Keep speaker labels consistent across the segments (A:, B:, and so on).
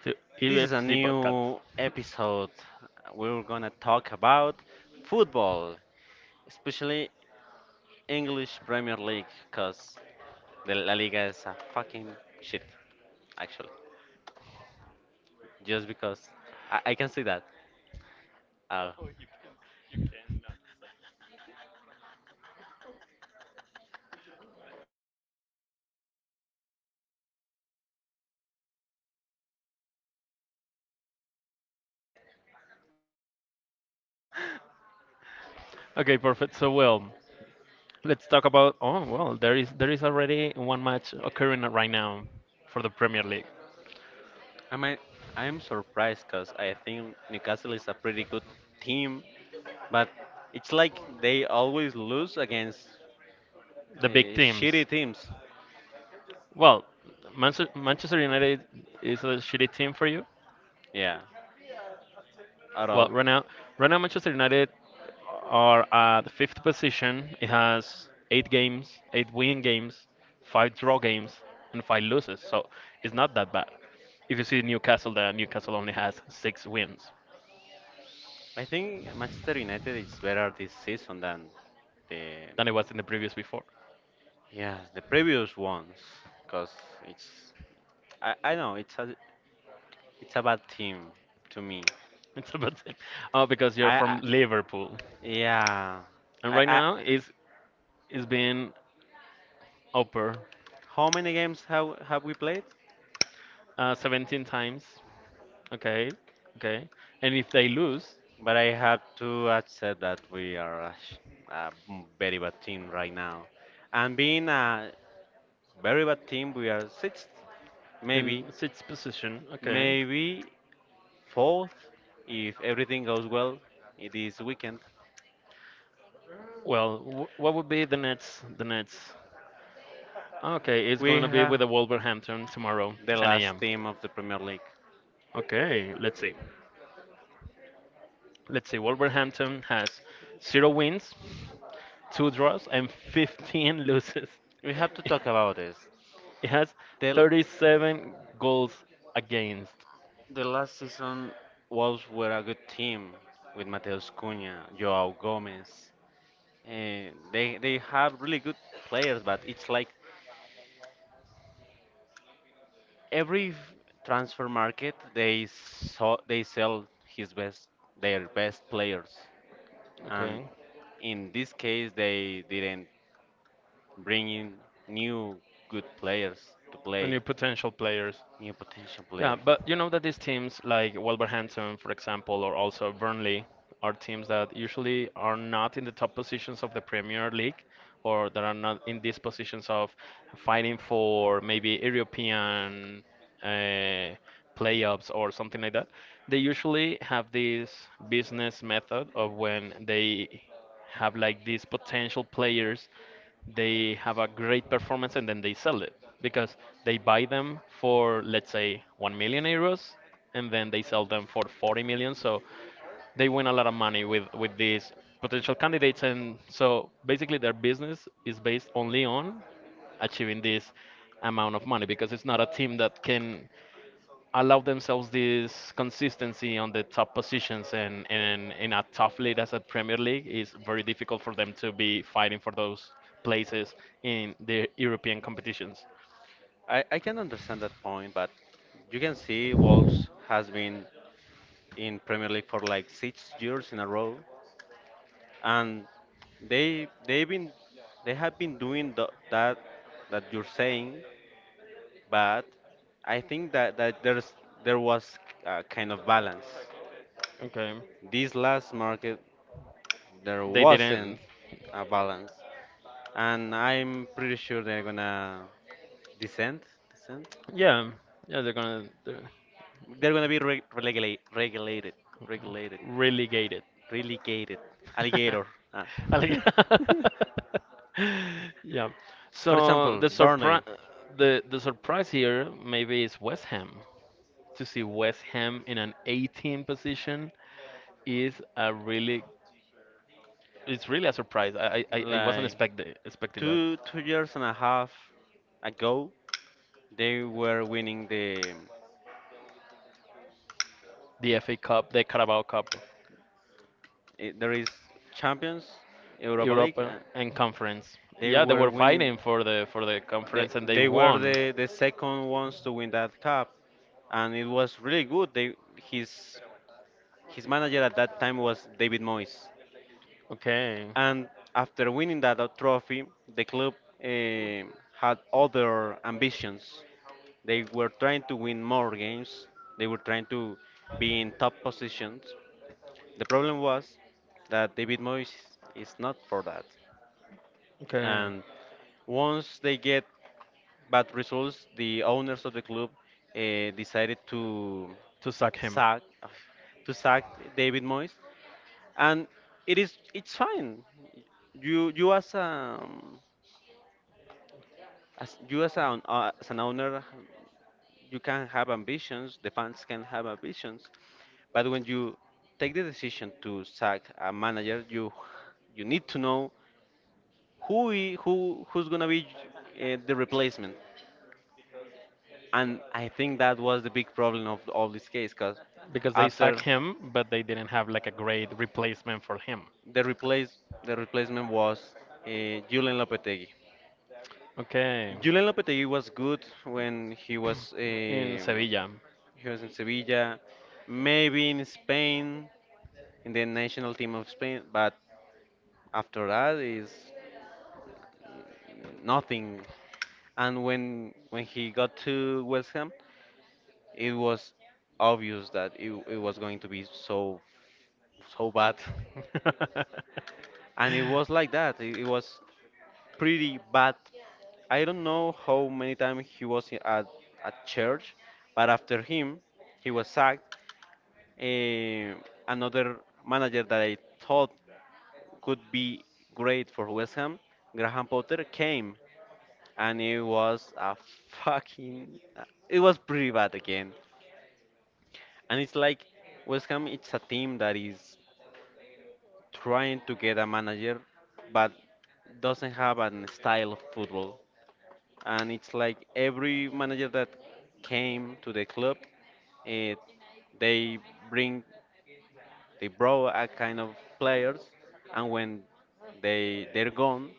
A: To
B: this is a
A: EFC podcast.
B: new episode. We're gonna talk about football, especially English Premier League, because the La Liga is a fucking shit, actually. Just because I can see that. Uh,
A: Okay, perfect. So well, let's talk about. Oh well, there is already one match occurring right now for the Premier League.
B: I might, I am surprised because I think Newcastle is a pretty good team, but it's like they always lose against
A: The big
B: uh, shitty
A: teams.
B: teams.
A: Well, Manchester United is a shitty team for you.
B: Yeah, at
A: Well,
B: all.
A: right now Manchester United are at the fifth position. It has eight games, eight win games, five draw games, and five losses. So it's not that bad. If you see Newcastle, that Newcastle only has six wins.
B: I think Manchester United is better this season than the
A: Than it was in the previous before.
B: yeah the previous ones because it's I know it's a bad team to me.
A: It's about it. Oh, because you're from
B: I
A: Liverpool.
B: yeah
A: And
B: I,
A: right
B: I
A: now is being upper
B: how many games have we played?
A: 17 times. Okay. Okay. And if they lose
B: But I have to accept that we are a, sh- a m- very bad team right now. And being a very bad team, we are sixth, maybe,
A: in sixth position, okay.
B: maybe fourth, if everything goes well this weekend.
A: Well, what would be the Nets? The Nets. Okay, it's
B: We
A: going to be
B: have
A: with the Wolverhampton tomorrow,
B: the
A: 10
B: last
A: a.m.
B: team of the Premier League.
A: Okay, let's see. Let's see. Wolverhampton has zero wins, two draws, and 15 losses.
B: We have to talk about this.
A: It has
B: The,
A: 37 goals against.
B: the last season, Wolves were a good team with Mateus Cunha, Joao Gomez. They have really good players, but it's like every transfer market they saw they sell his best their best players, and
A: Okay.
B: in this case they didn't bring in new good players to
A: And
B: play,
A: new potential players.
B: new potential
A: Yeah,
B: players.
A: but you know that these teams like Wolverhampton, for example, or also Burnley are teams that usually are not in the top positions of the Premier League or that are not in these positions of fighting for maybe European uh, playoffs or something like that. They usually have this business method of when they have like these potential players they have a great performance and then they sell it because they buy them for let's say 1 million euros and then they sell them for 40 million, so they win a lot of money with these potential candidates, and so basically their business is based only on achieving this amount of money because it's not a team that can allow themselves this consistency on the top positions, and in a tough league as a Premier League is very difficult for them to be fighting for those places in the European competitions.
B: I can understand that point, but you can see Wolves has been in Premier League for like 6 years in a row, and they they've been they have been doing the, that that you're saying, but I think that there was a kind of balance.
A: Okay.
B: This last market there
A: They
B: wasn't
A: didn't.
B: a balance, and I'm pretty sure they're gonna descend descend.
A: Yeah, yeah, they're
B: They're gonna be regulated.
A: relegated.
B: Relegated. Alligator. Ah.
A: I like- yeah.
B: For
A: So
B: example,
A: the
B: Burnley.
A: surprise, the surprise here maybe is West Ham. To see West Ham in an 18 position is a really, it's really a surprise. I wasn't
B: Like
A: expecting that.
B: two years and a half ago, they were winning the.
A: The FA Cup, the Carabao Cup,
B: Eh, There is Champions, Europa League.
A: Europa and Conference.
B: They
A: Yeah, they
B: were
A: were
B: winning.
A: fighting for the
B: They,
A: conference and they
B: they were
A: won.
B: the second ones to win that cup, and it was really good. They his manager at that time was David Moyes,
A: Okay.
B: and after winning that trophy, the club eh, had other ambitions. They were trying to win more games. They were trying to be in top positions. The problem was that David Moyes is not for that.
A: Okay.
B: And once they get but results, the owners of the club decided
A: To sack him.
B: sack to sack David Moyes, and it's fine. You, as a as you as an owner, you can have ambitions. The fans can have ambitions, but when you take the decision to sack a manager, you need to know who who's gonna be the replacement. And I think that was the big problem of all this case, because
A: Because they
B: after
A: sacked him, but they didn't have like a great replacement for him.
B: the replace the replacement was uh, Julian Lopetegui.
A: Okay.
B: Julian Lopetegui was good when he was
A: In
B: um,
A: Sevilla.
B: he was in Sevilla, maybe in Spain, in the national team of Spain. But after that is nothing. And when he got to West Ham, it was obvious that it was going to be so bad, and it was like that. It was pretty bad. I don't know how many times he was at church, but after him, he was sacked. Eh, another manager that I thought could be great for West Ham, Graham Potter, came, and it was a fucking. It was pretty bad again. And it's like West Ham, it's a team that is trying to get a manager but doesn't have an style of football, and it's like every manager that came to the club, eh, they bring they brought a kind of players, and when they're gone,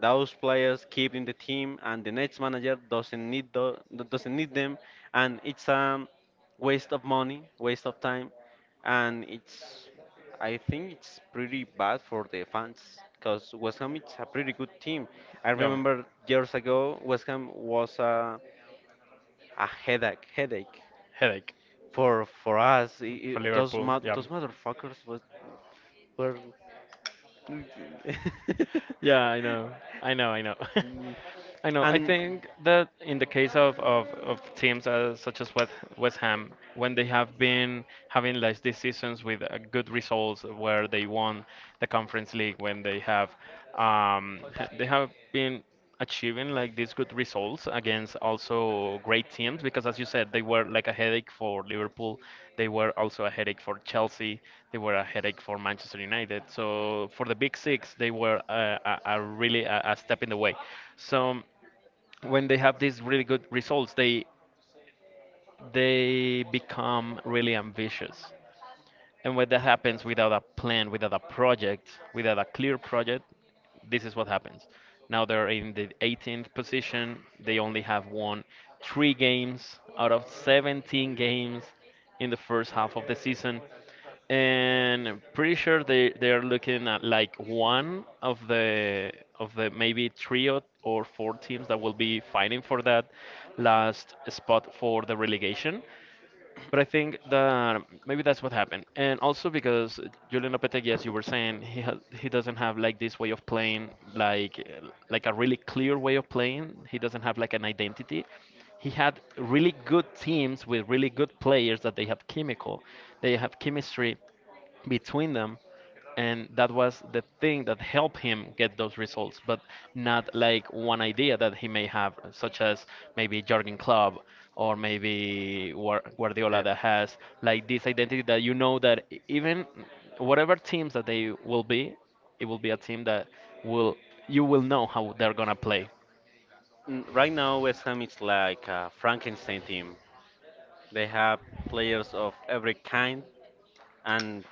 B: those players keep in the team, and the next manager doesn't need doesn't need them, and it's a waste of money, waste of time, and it's I think it's pretty bad for the fans because West Ham is a pretty good team. I
A: Yeah,
B: remember years ago West Ham was a headache
A: headache
B: for us. I
A: for
B: those
A: Liverpool. Yeah,
B: those motherfuckers was were. Mm.
A: yeah, I know, I know, I know. I know. I think that in the case of teams such as West, West Ham, when they have been having like these seasons with good results, where they won the Conference League, when they have they have been achieving like these good results against also great teams, because as you said they were like a headache for Liverpool, they were also a headache for Chelsea, they were a headache for Manchester United, so for the big six they were a, really a
B: and
A: step in the way. So when they have these really good results they become really ambitious, and when that happens without a plan, without a project, without a clear project, this is what happens. Now they're in the 18th position. They only have won three games out of 17 games in the first half of the season. And I'm pretty sure they're looking at like one of the maybe three or four teams that will be fighting for that last spot for the relegation. But I think that maybe that's what happened, and also because Julian Lopetegui, as you were saying, he doesn't have like this way of playing, like a really clear way of playing. He doesn't have like an identity. He had really good teams with really good players that they have chemical, they have chemistry, between them, and that was the thing that helped him get those results, but not like one idea that he may have, such as maybe Jorgen Klopp or maybe Guardiola, that has like this identity that you know that even whatever teams that they will be, it will be a team that will, you will know how they're going to play.
B: Right now, West Ham is like a Frankenstein team. They have players of every kind, and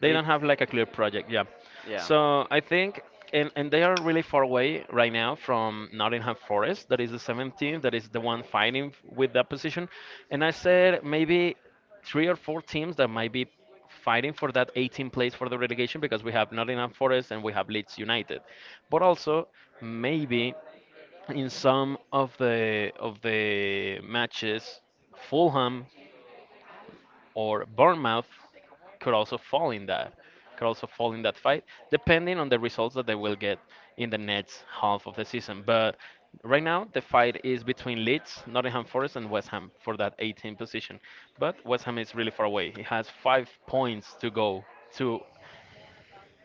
A: They
B: it,
A: don't have like a clear project, yeah.
B: yeah.
A: So I think, and they are really far away right now from Nottingham Forest, that is the seventh team, that is the one fighting with that position. And I said maybe three or four teams that might be fighting for that 18 place for the relegation because we have Nottingham Forest and we have Leeds United. But also maybe in some of the matches, Fulham or Bournemouth could also fall in that, could also fall in that fight, depending on the results that they will get in the next half of the season. But right now, the fight is between Leeds, Nottingham Forest, and West Ham for that 18 position. But West Ham is really far away. He has 5 points to go to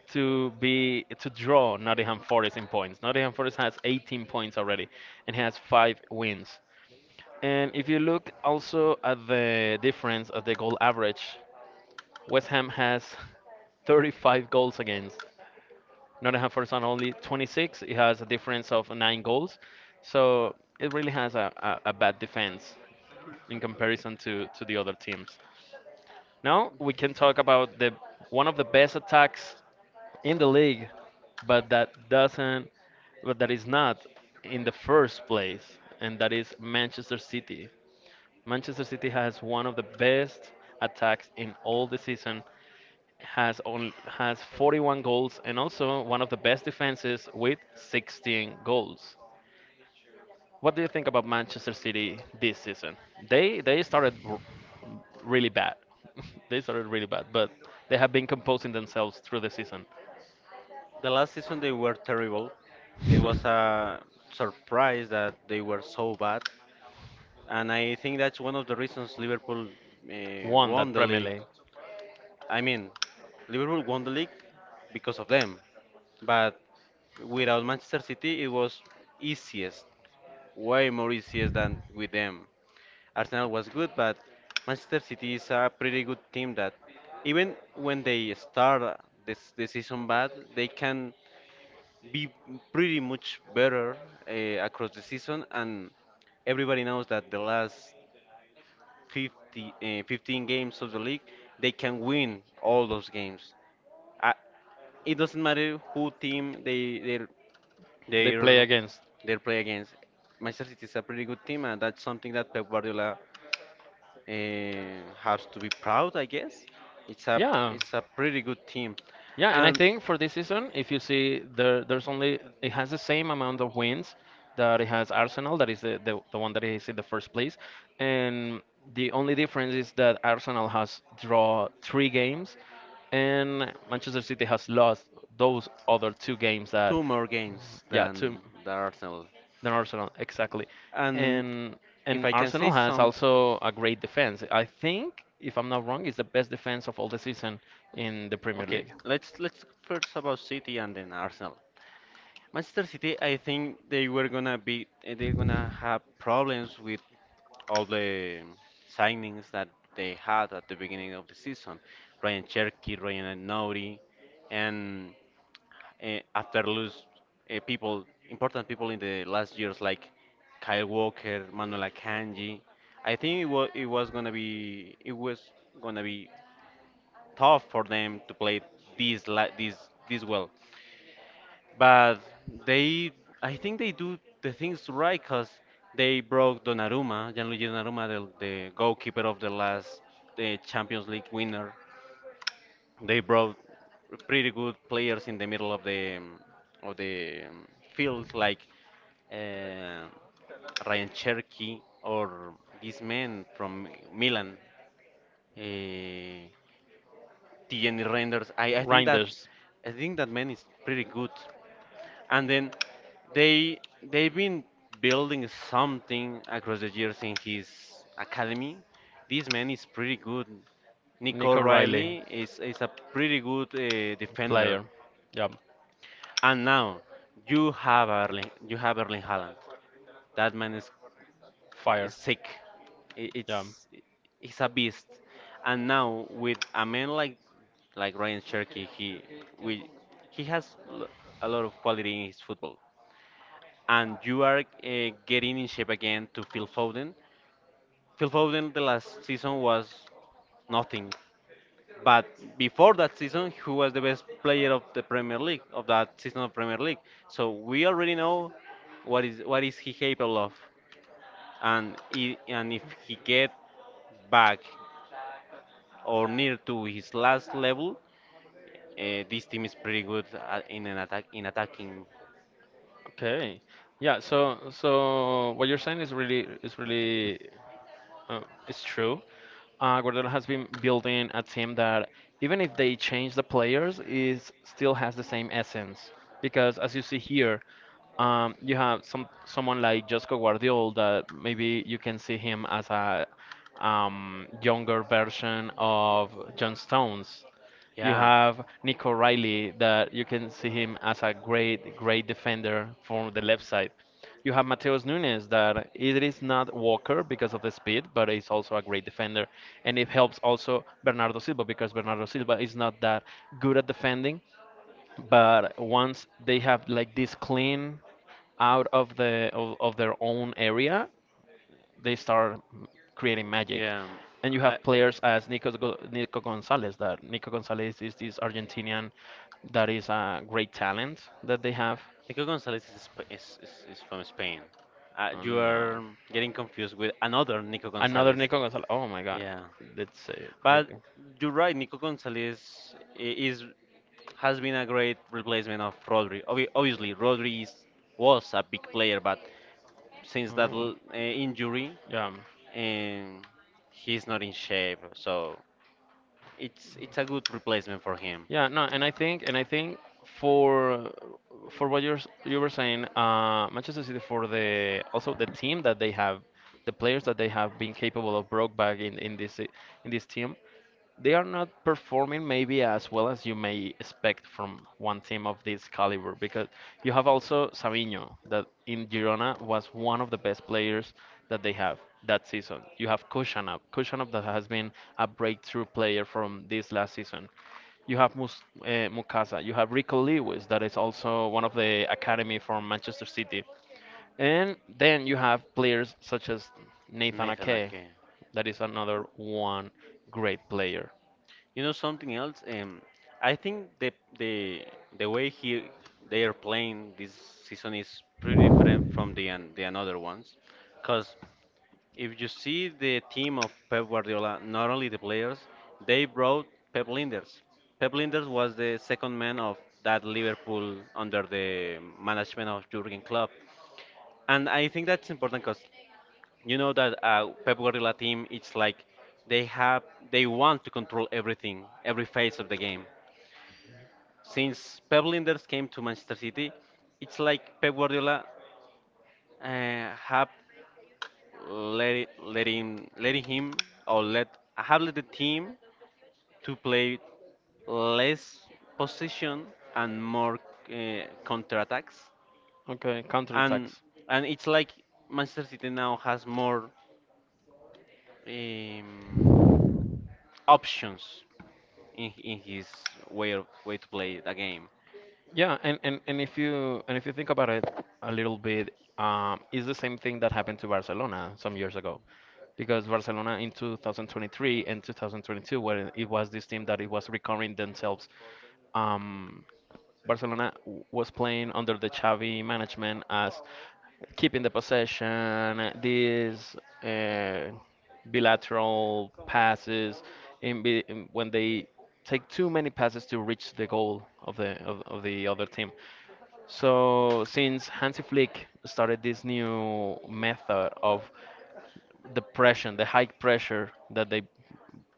A: to be to draw Nottingham Forest in points. Nottingham Forest has 18 points already and has five wins. And if you look also at the difference of the goal average, West Ham has 35 goals against. Nottingham Forest on only 26. It has a difference of 9 goals. So it really has a, a bad defense in comparison to the other teams. Now we can talk about the one of the best attacks in the league, but that doesn't, but that is not in the first place, and that is Manchester City. Manchester City has one of the best attacks in all the season, has 41 goals and also one of the best defenses with 16 goals. What do you think about Manchester City this season? They started really bad. They started really bad, but they have been composing themselves through the season.
B: The last season they were terrible. It was a surprise that they were so bad, and I think that's one of the reasons Liverpool
A: Won
B: won
A: that
B: the
A: Premier
B: league.
A: League.
B: I mean, Liverpool won the league because of them, but without Manchester City, it was easiest, way more easiest than with them. Arsenal was good, but Manchester City is a pretty good team that even when they start this the season bad, they can be pretty much better across the season. And everybody knows that the last 50, 15 games of the league, they can win all those games. Uh, it doesn't matter who team
A: They play
B: they
A: against.
B: they play against. Manchester City is a pretty good team, and that's something that Pep Guardiola has to be proud, I guess. It's a
A: Yeah,
B: it's a pretty good team,
A: yeah, and I
B: and
A: think for this season, if you see there, there's only it has the same amount of wins that it has Arsenal, that is the, the one that is in the first place, and the only difference is that Arsenal has draw three games, and Manchester City has lost those other two games that,
B: two more games
A: yeah, two
B: than the Arsenal.
A: than Arsenal exactly,
B: And
A: and
B: if
A: and
B: I can
A: Arsenal
B: say
A: has
B: some.
A: also a great defense. I think, if I'm not wrong, it's the best defense of all the season in the Premier
B: Okay,
A: League.
B: let's talk first about City and then Arsenal. Manchester City, I think they were gonna be, they're gonna have problems with all the signings that they had at the beginning of the season. Ryan Cherky, Ryan Nouri, and eh, after lose people important people in the last years like Kyle Walker, Manuel Akanji. I think it was gonna be it was gonna be tough for them to play this li- this well. But they, I think they do the things right because they broke Donnarumma, Gianluigi Donnarumma, the goalkeeper of the last Champions League winner. They brought pretty good players in the middle of the of the um, field, like uh, Ryan Cherky or this man from Milan. Uh, the Jenny renders. I think that,
A: Rangers,
B: I think that man is pretty good. And then they've been building something across the years in his academy. This man is pretty good. Nico
A: Nico Riley,
B: Riley is a pretty good defender.
A: player. Yeah,
B: And now you have Erling Haaland. That man
A: fire.
B: is sick. I-
A: Yeah.
B: It's he's a beast. And now with a man like Ryan Cherky, we he has a lot of quality in his football. And you are getting in shape again to Phil Foden. Phil Foden the last season was nothing. But before that season, he was the best player of the Premier League of that season of Premier League. So we already know what is he capable of, and and if he get back or near to his last level, this team is pretty good at, in an attack in attacking.
A: Okay. Yeah. So so what you're saying is really is really. Uh, it's true. Guardiola has been building a team that, even if they change the players, is still has the same essence. Because as you see here, you have someone like Josco Guardiola that maybe you can see him as a younger version of John Stones. You
B: Yeah,
A: have Nico Riley that you can see him as a great, great defender from the left side. You have Mateus Nunes that it is not Walker because of the speed, but he's also a great defender. And it helps also Bernardo Silva because Bernardo Silva is not that good at defending, but once they have like this clean out of the of their own area, they start creating magic.
B: yeah.
A: And you
B: I,
A: have players as Nico, Nico Gonzalez. That Nico Gonzalez is this Argentinian that is a great talent that they have.
B: Nico Gonzalez is, Sp- is from Spain. You
A: And, uh,
B: are getting confused with another Nico
A: Another
B: Gonzalez.
A: Nico Gonzalez. Oh my God.
B: Yeah.
A: Let's say it.
B: But
A: Nico.
B: you're right, Nico Gonzalez I- is has been a great replacement of Rodri. Obviously, Rodri was a big player, but since that
A: Oh.
B: injury,
A: Yeah,
B: and he's not in shape, so it's a good replacement for him.
A: yeah, no, and I think, for what you were saying, Manchester City for the also the team that they have, the players that they have been capable of broke back in in this team, they are not performing maybe as well as you may expect from one team of this caliber, because you have also Savinho that in Girona was one of the best players that they have that season. You have Kushanov, that has been a breakthrough player from this last season. You have Mukasa, you have Rico Lewis that is also one of the academy from Manchester City. And then you have players such as Nathan
B: Nathan
A: Ake
B: Ake.
A: that is another one great player.
B: You know something else? I think the the way he they are playing this season is pretty different from the another ones, cause if you see the team of Pep Guardiola, not only the players, they brought Pep Linders. Pep Linders was the second man of that Liverpool under the management of Jurgen Klopp. And I think that's important because you know that Pep Guardiola team, it's like they have they want to control everything, every phase of the game. Since Pep Linders came to Manchester City, it's like Pep Guardiola uh, have let him letting him or let have let the team to play less possession and more counter attacks,
A: Okay,
B: and
A: counterattacks.
B: and it's like Manchester City now has more um, options in his way to play the game.
A: Yeah, and if you think about it a little bit, it's the same thing that happened to Barcelona some years ago. Because Barcelona in 2023 and 2022, when it was this team that it was recovering themselves, um, Barcelona was playing under the Xavi management as keeping the possession, these uh, bilateral passes, when they take too many passes to reach the goal of the of the other team. So since Hansi Flick started this new method of the pressure, the high pressure that they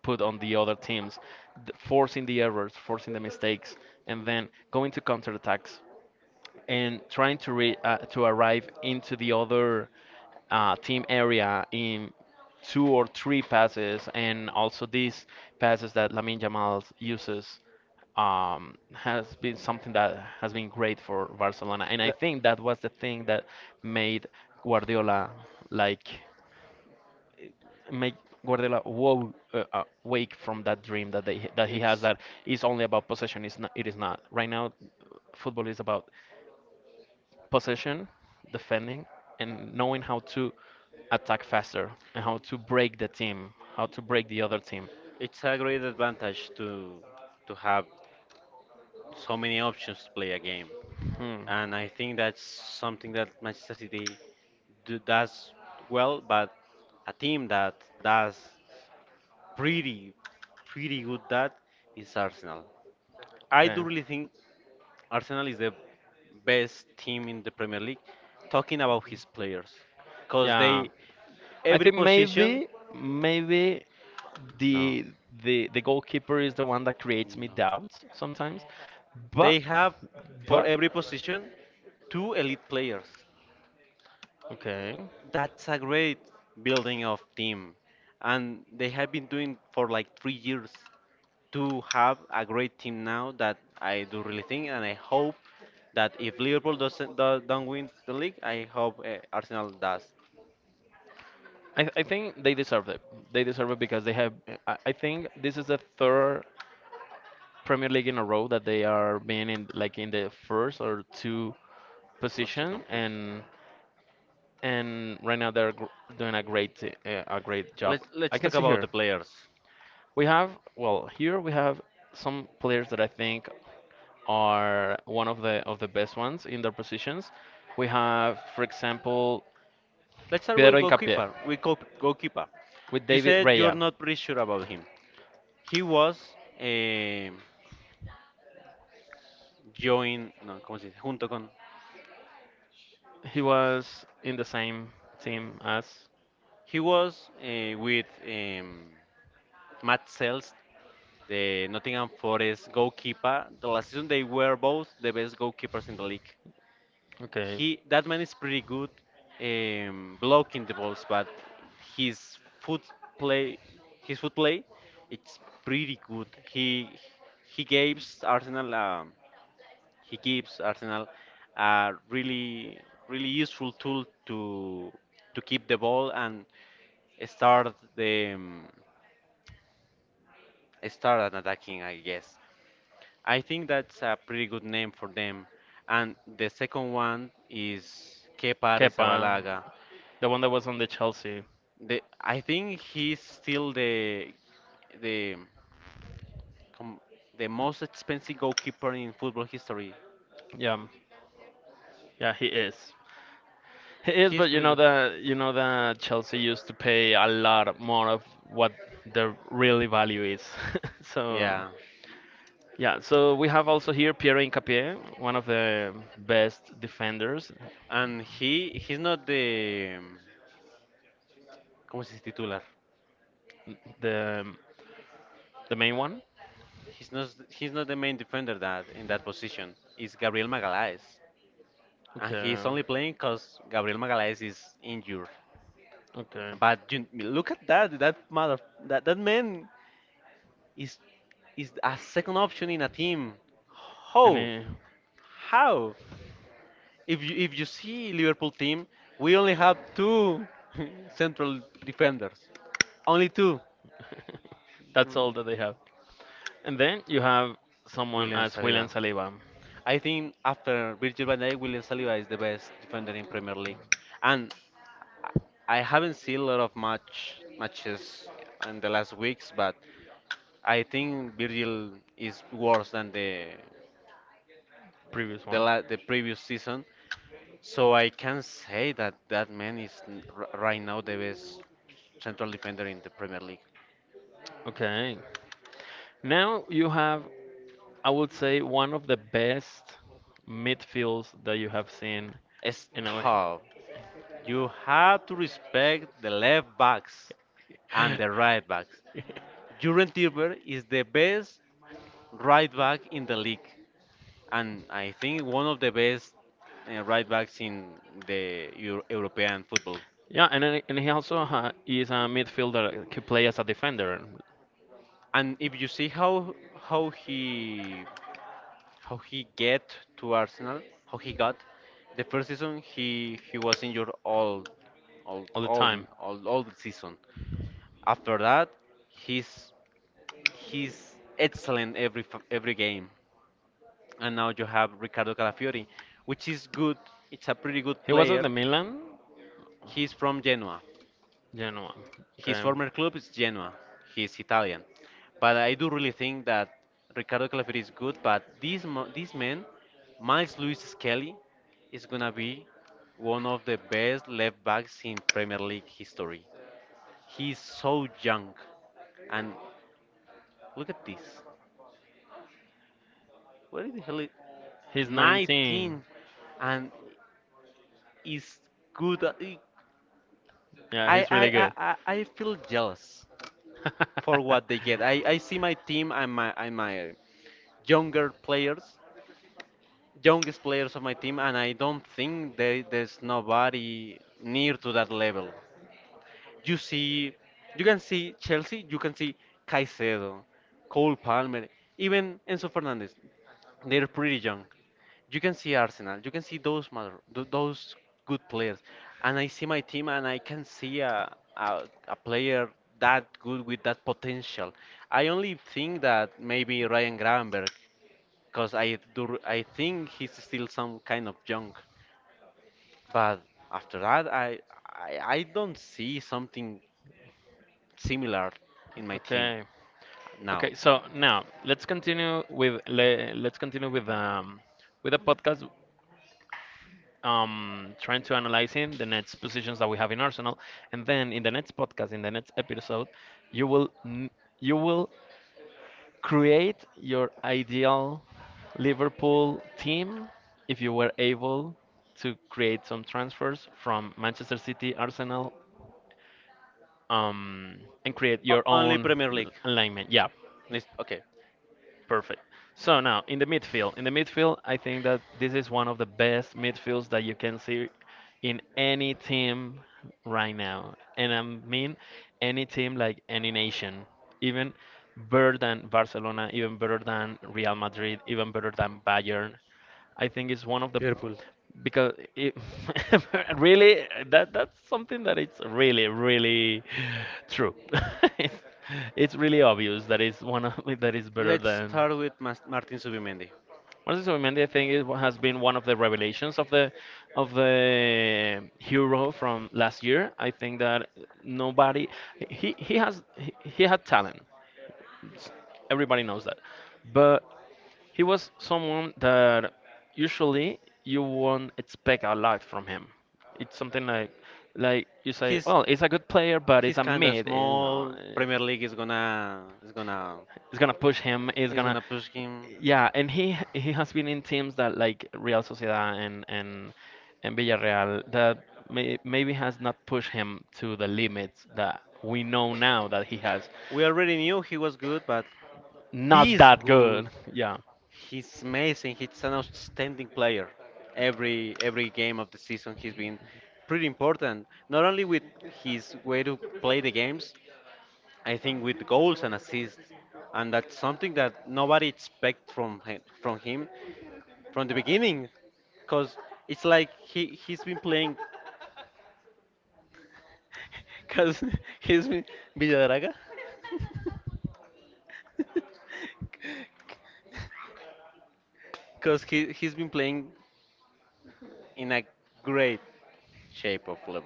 A: put on the other teams, forcing the errors, forcing the mistakes, and then going to counterattacks and trying to to arrive into the other team area in two or three passes, and also these passes that Lamine Yamal uses has been something that has been great for Barcelona, and I think that was the thing that made Guardiola like make Guardiola woke wake from that dream that they that he has
B: It's
A: that is only about possession. It's not. It is not. Right now, football is about possession, defending, and knowing how to attack faster and how to break the team, how to break the other team.
B: a great advantage to have so many options to play a game,
A: Hmm.
B: and I think that's something that Manchester City does well. But a team that does pretty pretty good, that is Arsenal. I
A: Okay.
B: do really think Arsenal is the best team in the Premier League. Talking about his players, cause
A: Yeah.
B: they
A: I
B: every
A: think
B: position.
A: maybe
B: No,
A: the the goalkeeper is the one that creates me
B: no.
A: doubts sometimes. But
B: They have for
A: but
B: every position two elite players.
A: okay.
B: That's a great building of team, and they have been doing for like 3 years to have a great team now. That I do really think, and I hope that if Liverpool doesn't do, don't win the league, I hope Arsenal does.
A: I think they deserve it. They deserve it because they have. I think this is the third Premier League in a row that they are being in like in the first or two
B: One second.
A: position, and right now doing a great job.
B: Let's
A: I can
B: talk
A: see
B: about
A: here
B: the players.
A: we have well here we have some players that I think are one of the best ones in their positions. We have, for example,
B: Let's start
A: Pedro
B: with
A: Hincapié
B: goalkeeper. We goalkeeper,
A: with
B: you
A: David
B: said
A: Raya.
B: you're not pretty sure about him. He was eh, joined, no, ¿cómo se dice? Junto con,
A: He was in the same team as.
B: he was with Matt Sells, the Nottingham Forest goalkeeper. The last season they were both the best goalkeepers in the league.
A: Okay.
B: He that man is pretty good, blocking the balls, but his foot play his foot play it's pretty good. He gives Arsenal, he gives Arsenal a really useful tool to keep the ball and start the start an attacking. I think that's a pretty good name for them. And the second one is Kepa
A: Kepa,
B: Arrizabalaga.
A: the one that was on the Chelsea.
B: The I think he's still the the com- the most expensive goalkeeper in football history.
A: Yeah, yeah, he is. He is,
B: He's
A: but
B: pretty good.
A: you know that Chelsea used to pay a lot more of what the really value is. so
B: Yeah,
A: yeah. Yeah, so we have also here Pierre Incapié, one of the best defenders,
B: and he's not the ¿cómo se dice titular?
A: the the main one.
B: He's not the main defender that in that position. It's Gabriel Magalhaes, and
A: Okay.
B: he's only playing because Gabriel Magalhaes is injured.
A: Okay.
B: But you look at that. That mother. That man is a second option in a team.
A: And
B: How? How? If you see Liverpool team, we only have two central defenders. Only two.
A: uh, that's all that they have. And then you have someone
B: William
A: as William
B: Saliba.
A: Saliba,
B: I think after Virgil van Dijk, William Saliba is the best defender in Premier League. And I haven't seen a lot of matches in the last weeks, but I think Virgil is worse than
A: previous
B: the
A: one.
B: la the previous season, so I can say that that man is n- r right now the best central defender in the Premier League.
A: Okay. Now you have, I would say, one of the best midfields that you have seen in a way.
B: Stop. You have to respect the left backs and the right backs. Jurgen Timber is the best right back in the league, and I think one of the best right backs in the European football.
A: Yeah, and then, and he also is a midfielder that can play as a defender.
B: And if you see how he how he get to Arsenal, how he got the first season, he was injured all
A: All the
B: all
A: time.
B: all the season. After that, he's he's excellent every game. And now you have Ricardo Calafiori, which is good. It's a pretty good
A: He was at
B: player.
A: the Milan,
B: He's from Genoa.
A: Genoa.
B: His
A: Okay.
B: former club is Genoa. He's Italian, but I do really think that Ricardo Calafiotti is good. But this man, Miles Lewis Skelly, is gonna be one of the best left backs in Premier League history. He's so young, and look at this. What the hell? Is
A: He's 19.
B: 19, and is good.
A: Yeah,
B: I
A: he's
B: I
A: really
B: I
A: good.
B: I I feel jealous for what they get. I see my team and my younger players, youngest players of my team, and I don't think they, there's nobody near to that level. You see, you can see Chelsea, you can see Caicedo, Cole Palmer, even Enzo Fernandez. They're pretty young. You can see Arsenal, you can see those mother, those good players, and I see my team, and I can see a player that good with that potential. I only think that maybe Ryan Gravenberg, cause I do, I think he's still some kind of junk. But after that, I don't see something similar in my team
A: Okay.
B: now.
A: Okay, so now let's continue with the podcast trying to analyzing the next positions that we have in Arsenal and then in the next podcast in the next episode you will n- you will create your ideal Liverpool team if you were able to create some transfers from Manchester City, Arsenal, um, and create your
B: Only
A: own
B: Premier League.
A: alignment. Yeah,
B: List- okay.
A: perfect. So now in the midfield, I think that this is one of the best midfields that you can see in any team right now, and I mean any team like any nation, even better than Barcelona, even better than Real Madrid, even better than Bayern. I think it's one of the because it really that that's something that it's really really true. it's, it's really obvious that is one of that is better
B: Let's
A: than
B: start with Martin Subimendi.
A: Martin Zubimendi. I think it has been one of the revelations of the hero from last year. I think that nobody he had talent everybody knows that, but he was someone that usually you won't expect a lot from him. It's something like you say, well, he's a good player, but he's a
B: Of
A: mid. You know,
B: small. Premier League is
A: it's gonna push him. It's gonna
B: gonna push him.
A: yeah, and he has been in teams that like Real Sociedad and and Villarreal that maybe has not pushed him to the limits that we know now that he has.
B: We already knew he was good, but
A: Not
B: this
A: that
B: good,
A: good. Yeah.
B: he's amazing. He's an outstanding player. Every game of the season, he's been pretty important. Not only with his way to play the games, I think with goals and assists, and that's something that nobody expects from him, from the beginning, because it's like he's been playing because he's been Villaraga because he's been playing in a great shape of form.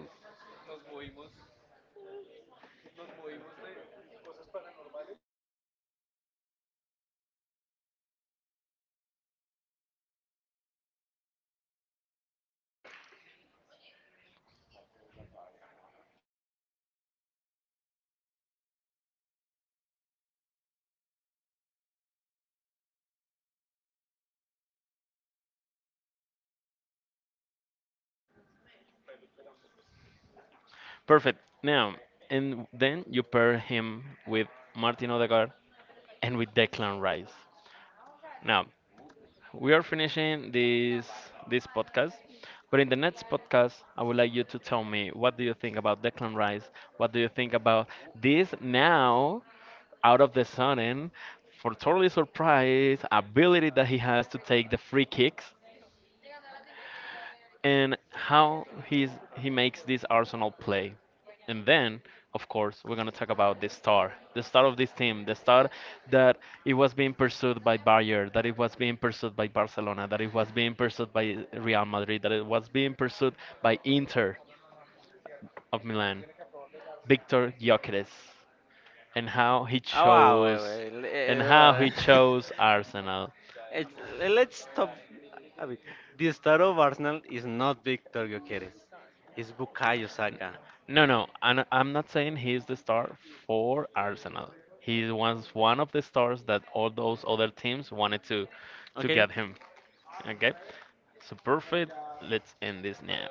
A: Perfect. Now, and then you pair him with Martin Odegaard and with Declan Rice. Now, we are finishing this this podcast, but in the next podcast, I would like you to tell me, what do you think about Declan Rice? What do you think about this now out of the sudden for totally surprise ability that he has to take the free kicks and how he makes this Arsenal play. And then, of course, we're gonna talk about the star of this team, the star that it was being pursued by Bayern, that it was being pursued by Barcelona, that it was being pursued by Real Madrid, that it was being pursued by Inter of Milan, Victor Gyökeres, and how he
B: Oh wow,
A: chose,
B: wait, wait,
A: and how he chose Arsenal.
B: it's, let's stop a bit. The star of Arsenal is not Victor Gyökeres, it's Bukayo Saka.
A: No, no, I'm not saying he's the star for Arsenal. He was one of the stars that all those other teams wanted to
B: Okay,
A: get him. Okay, so perfect. Let's end this now.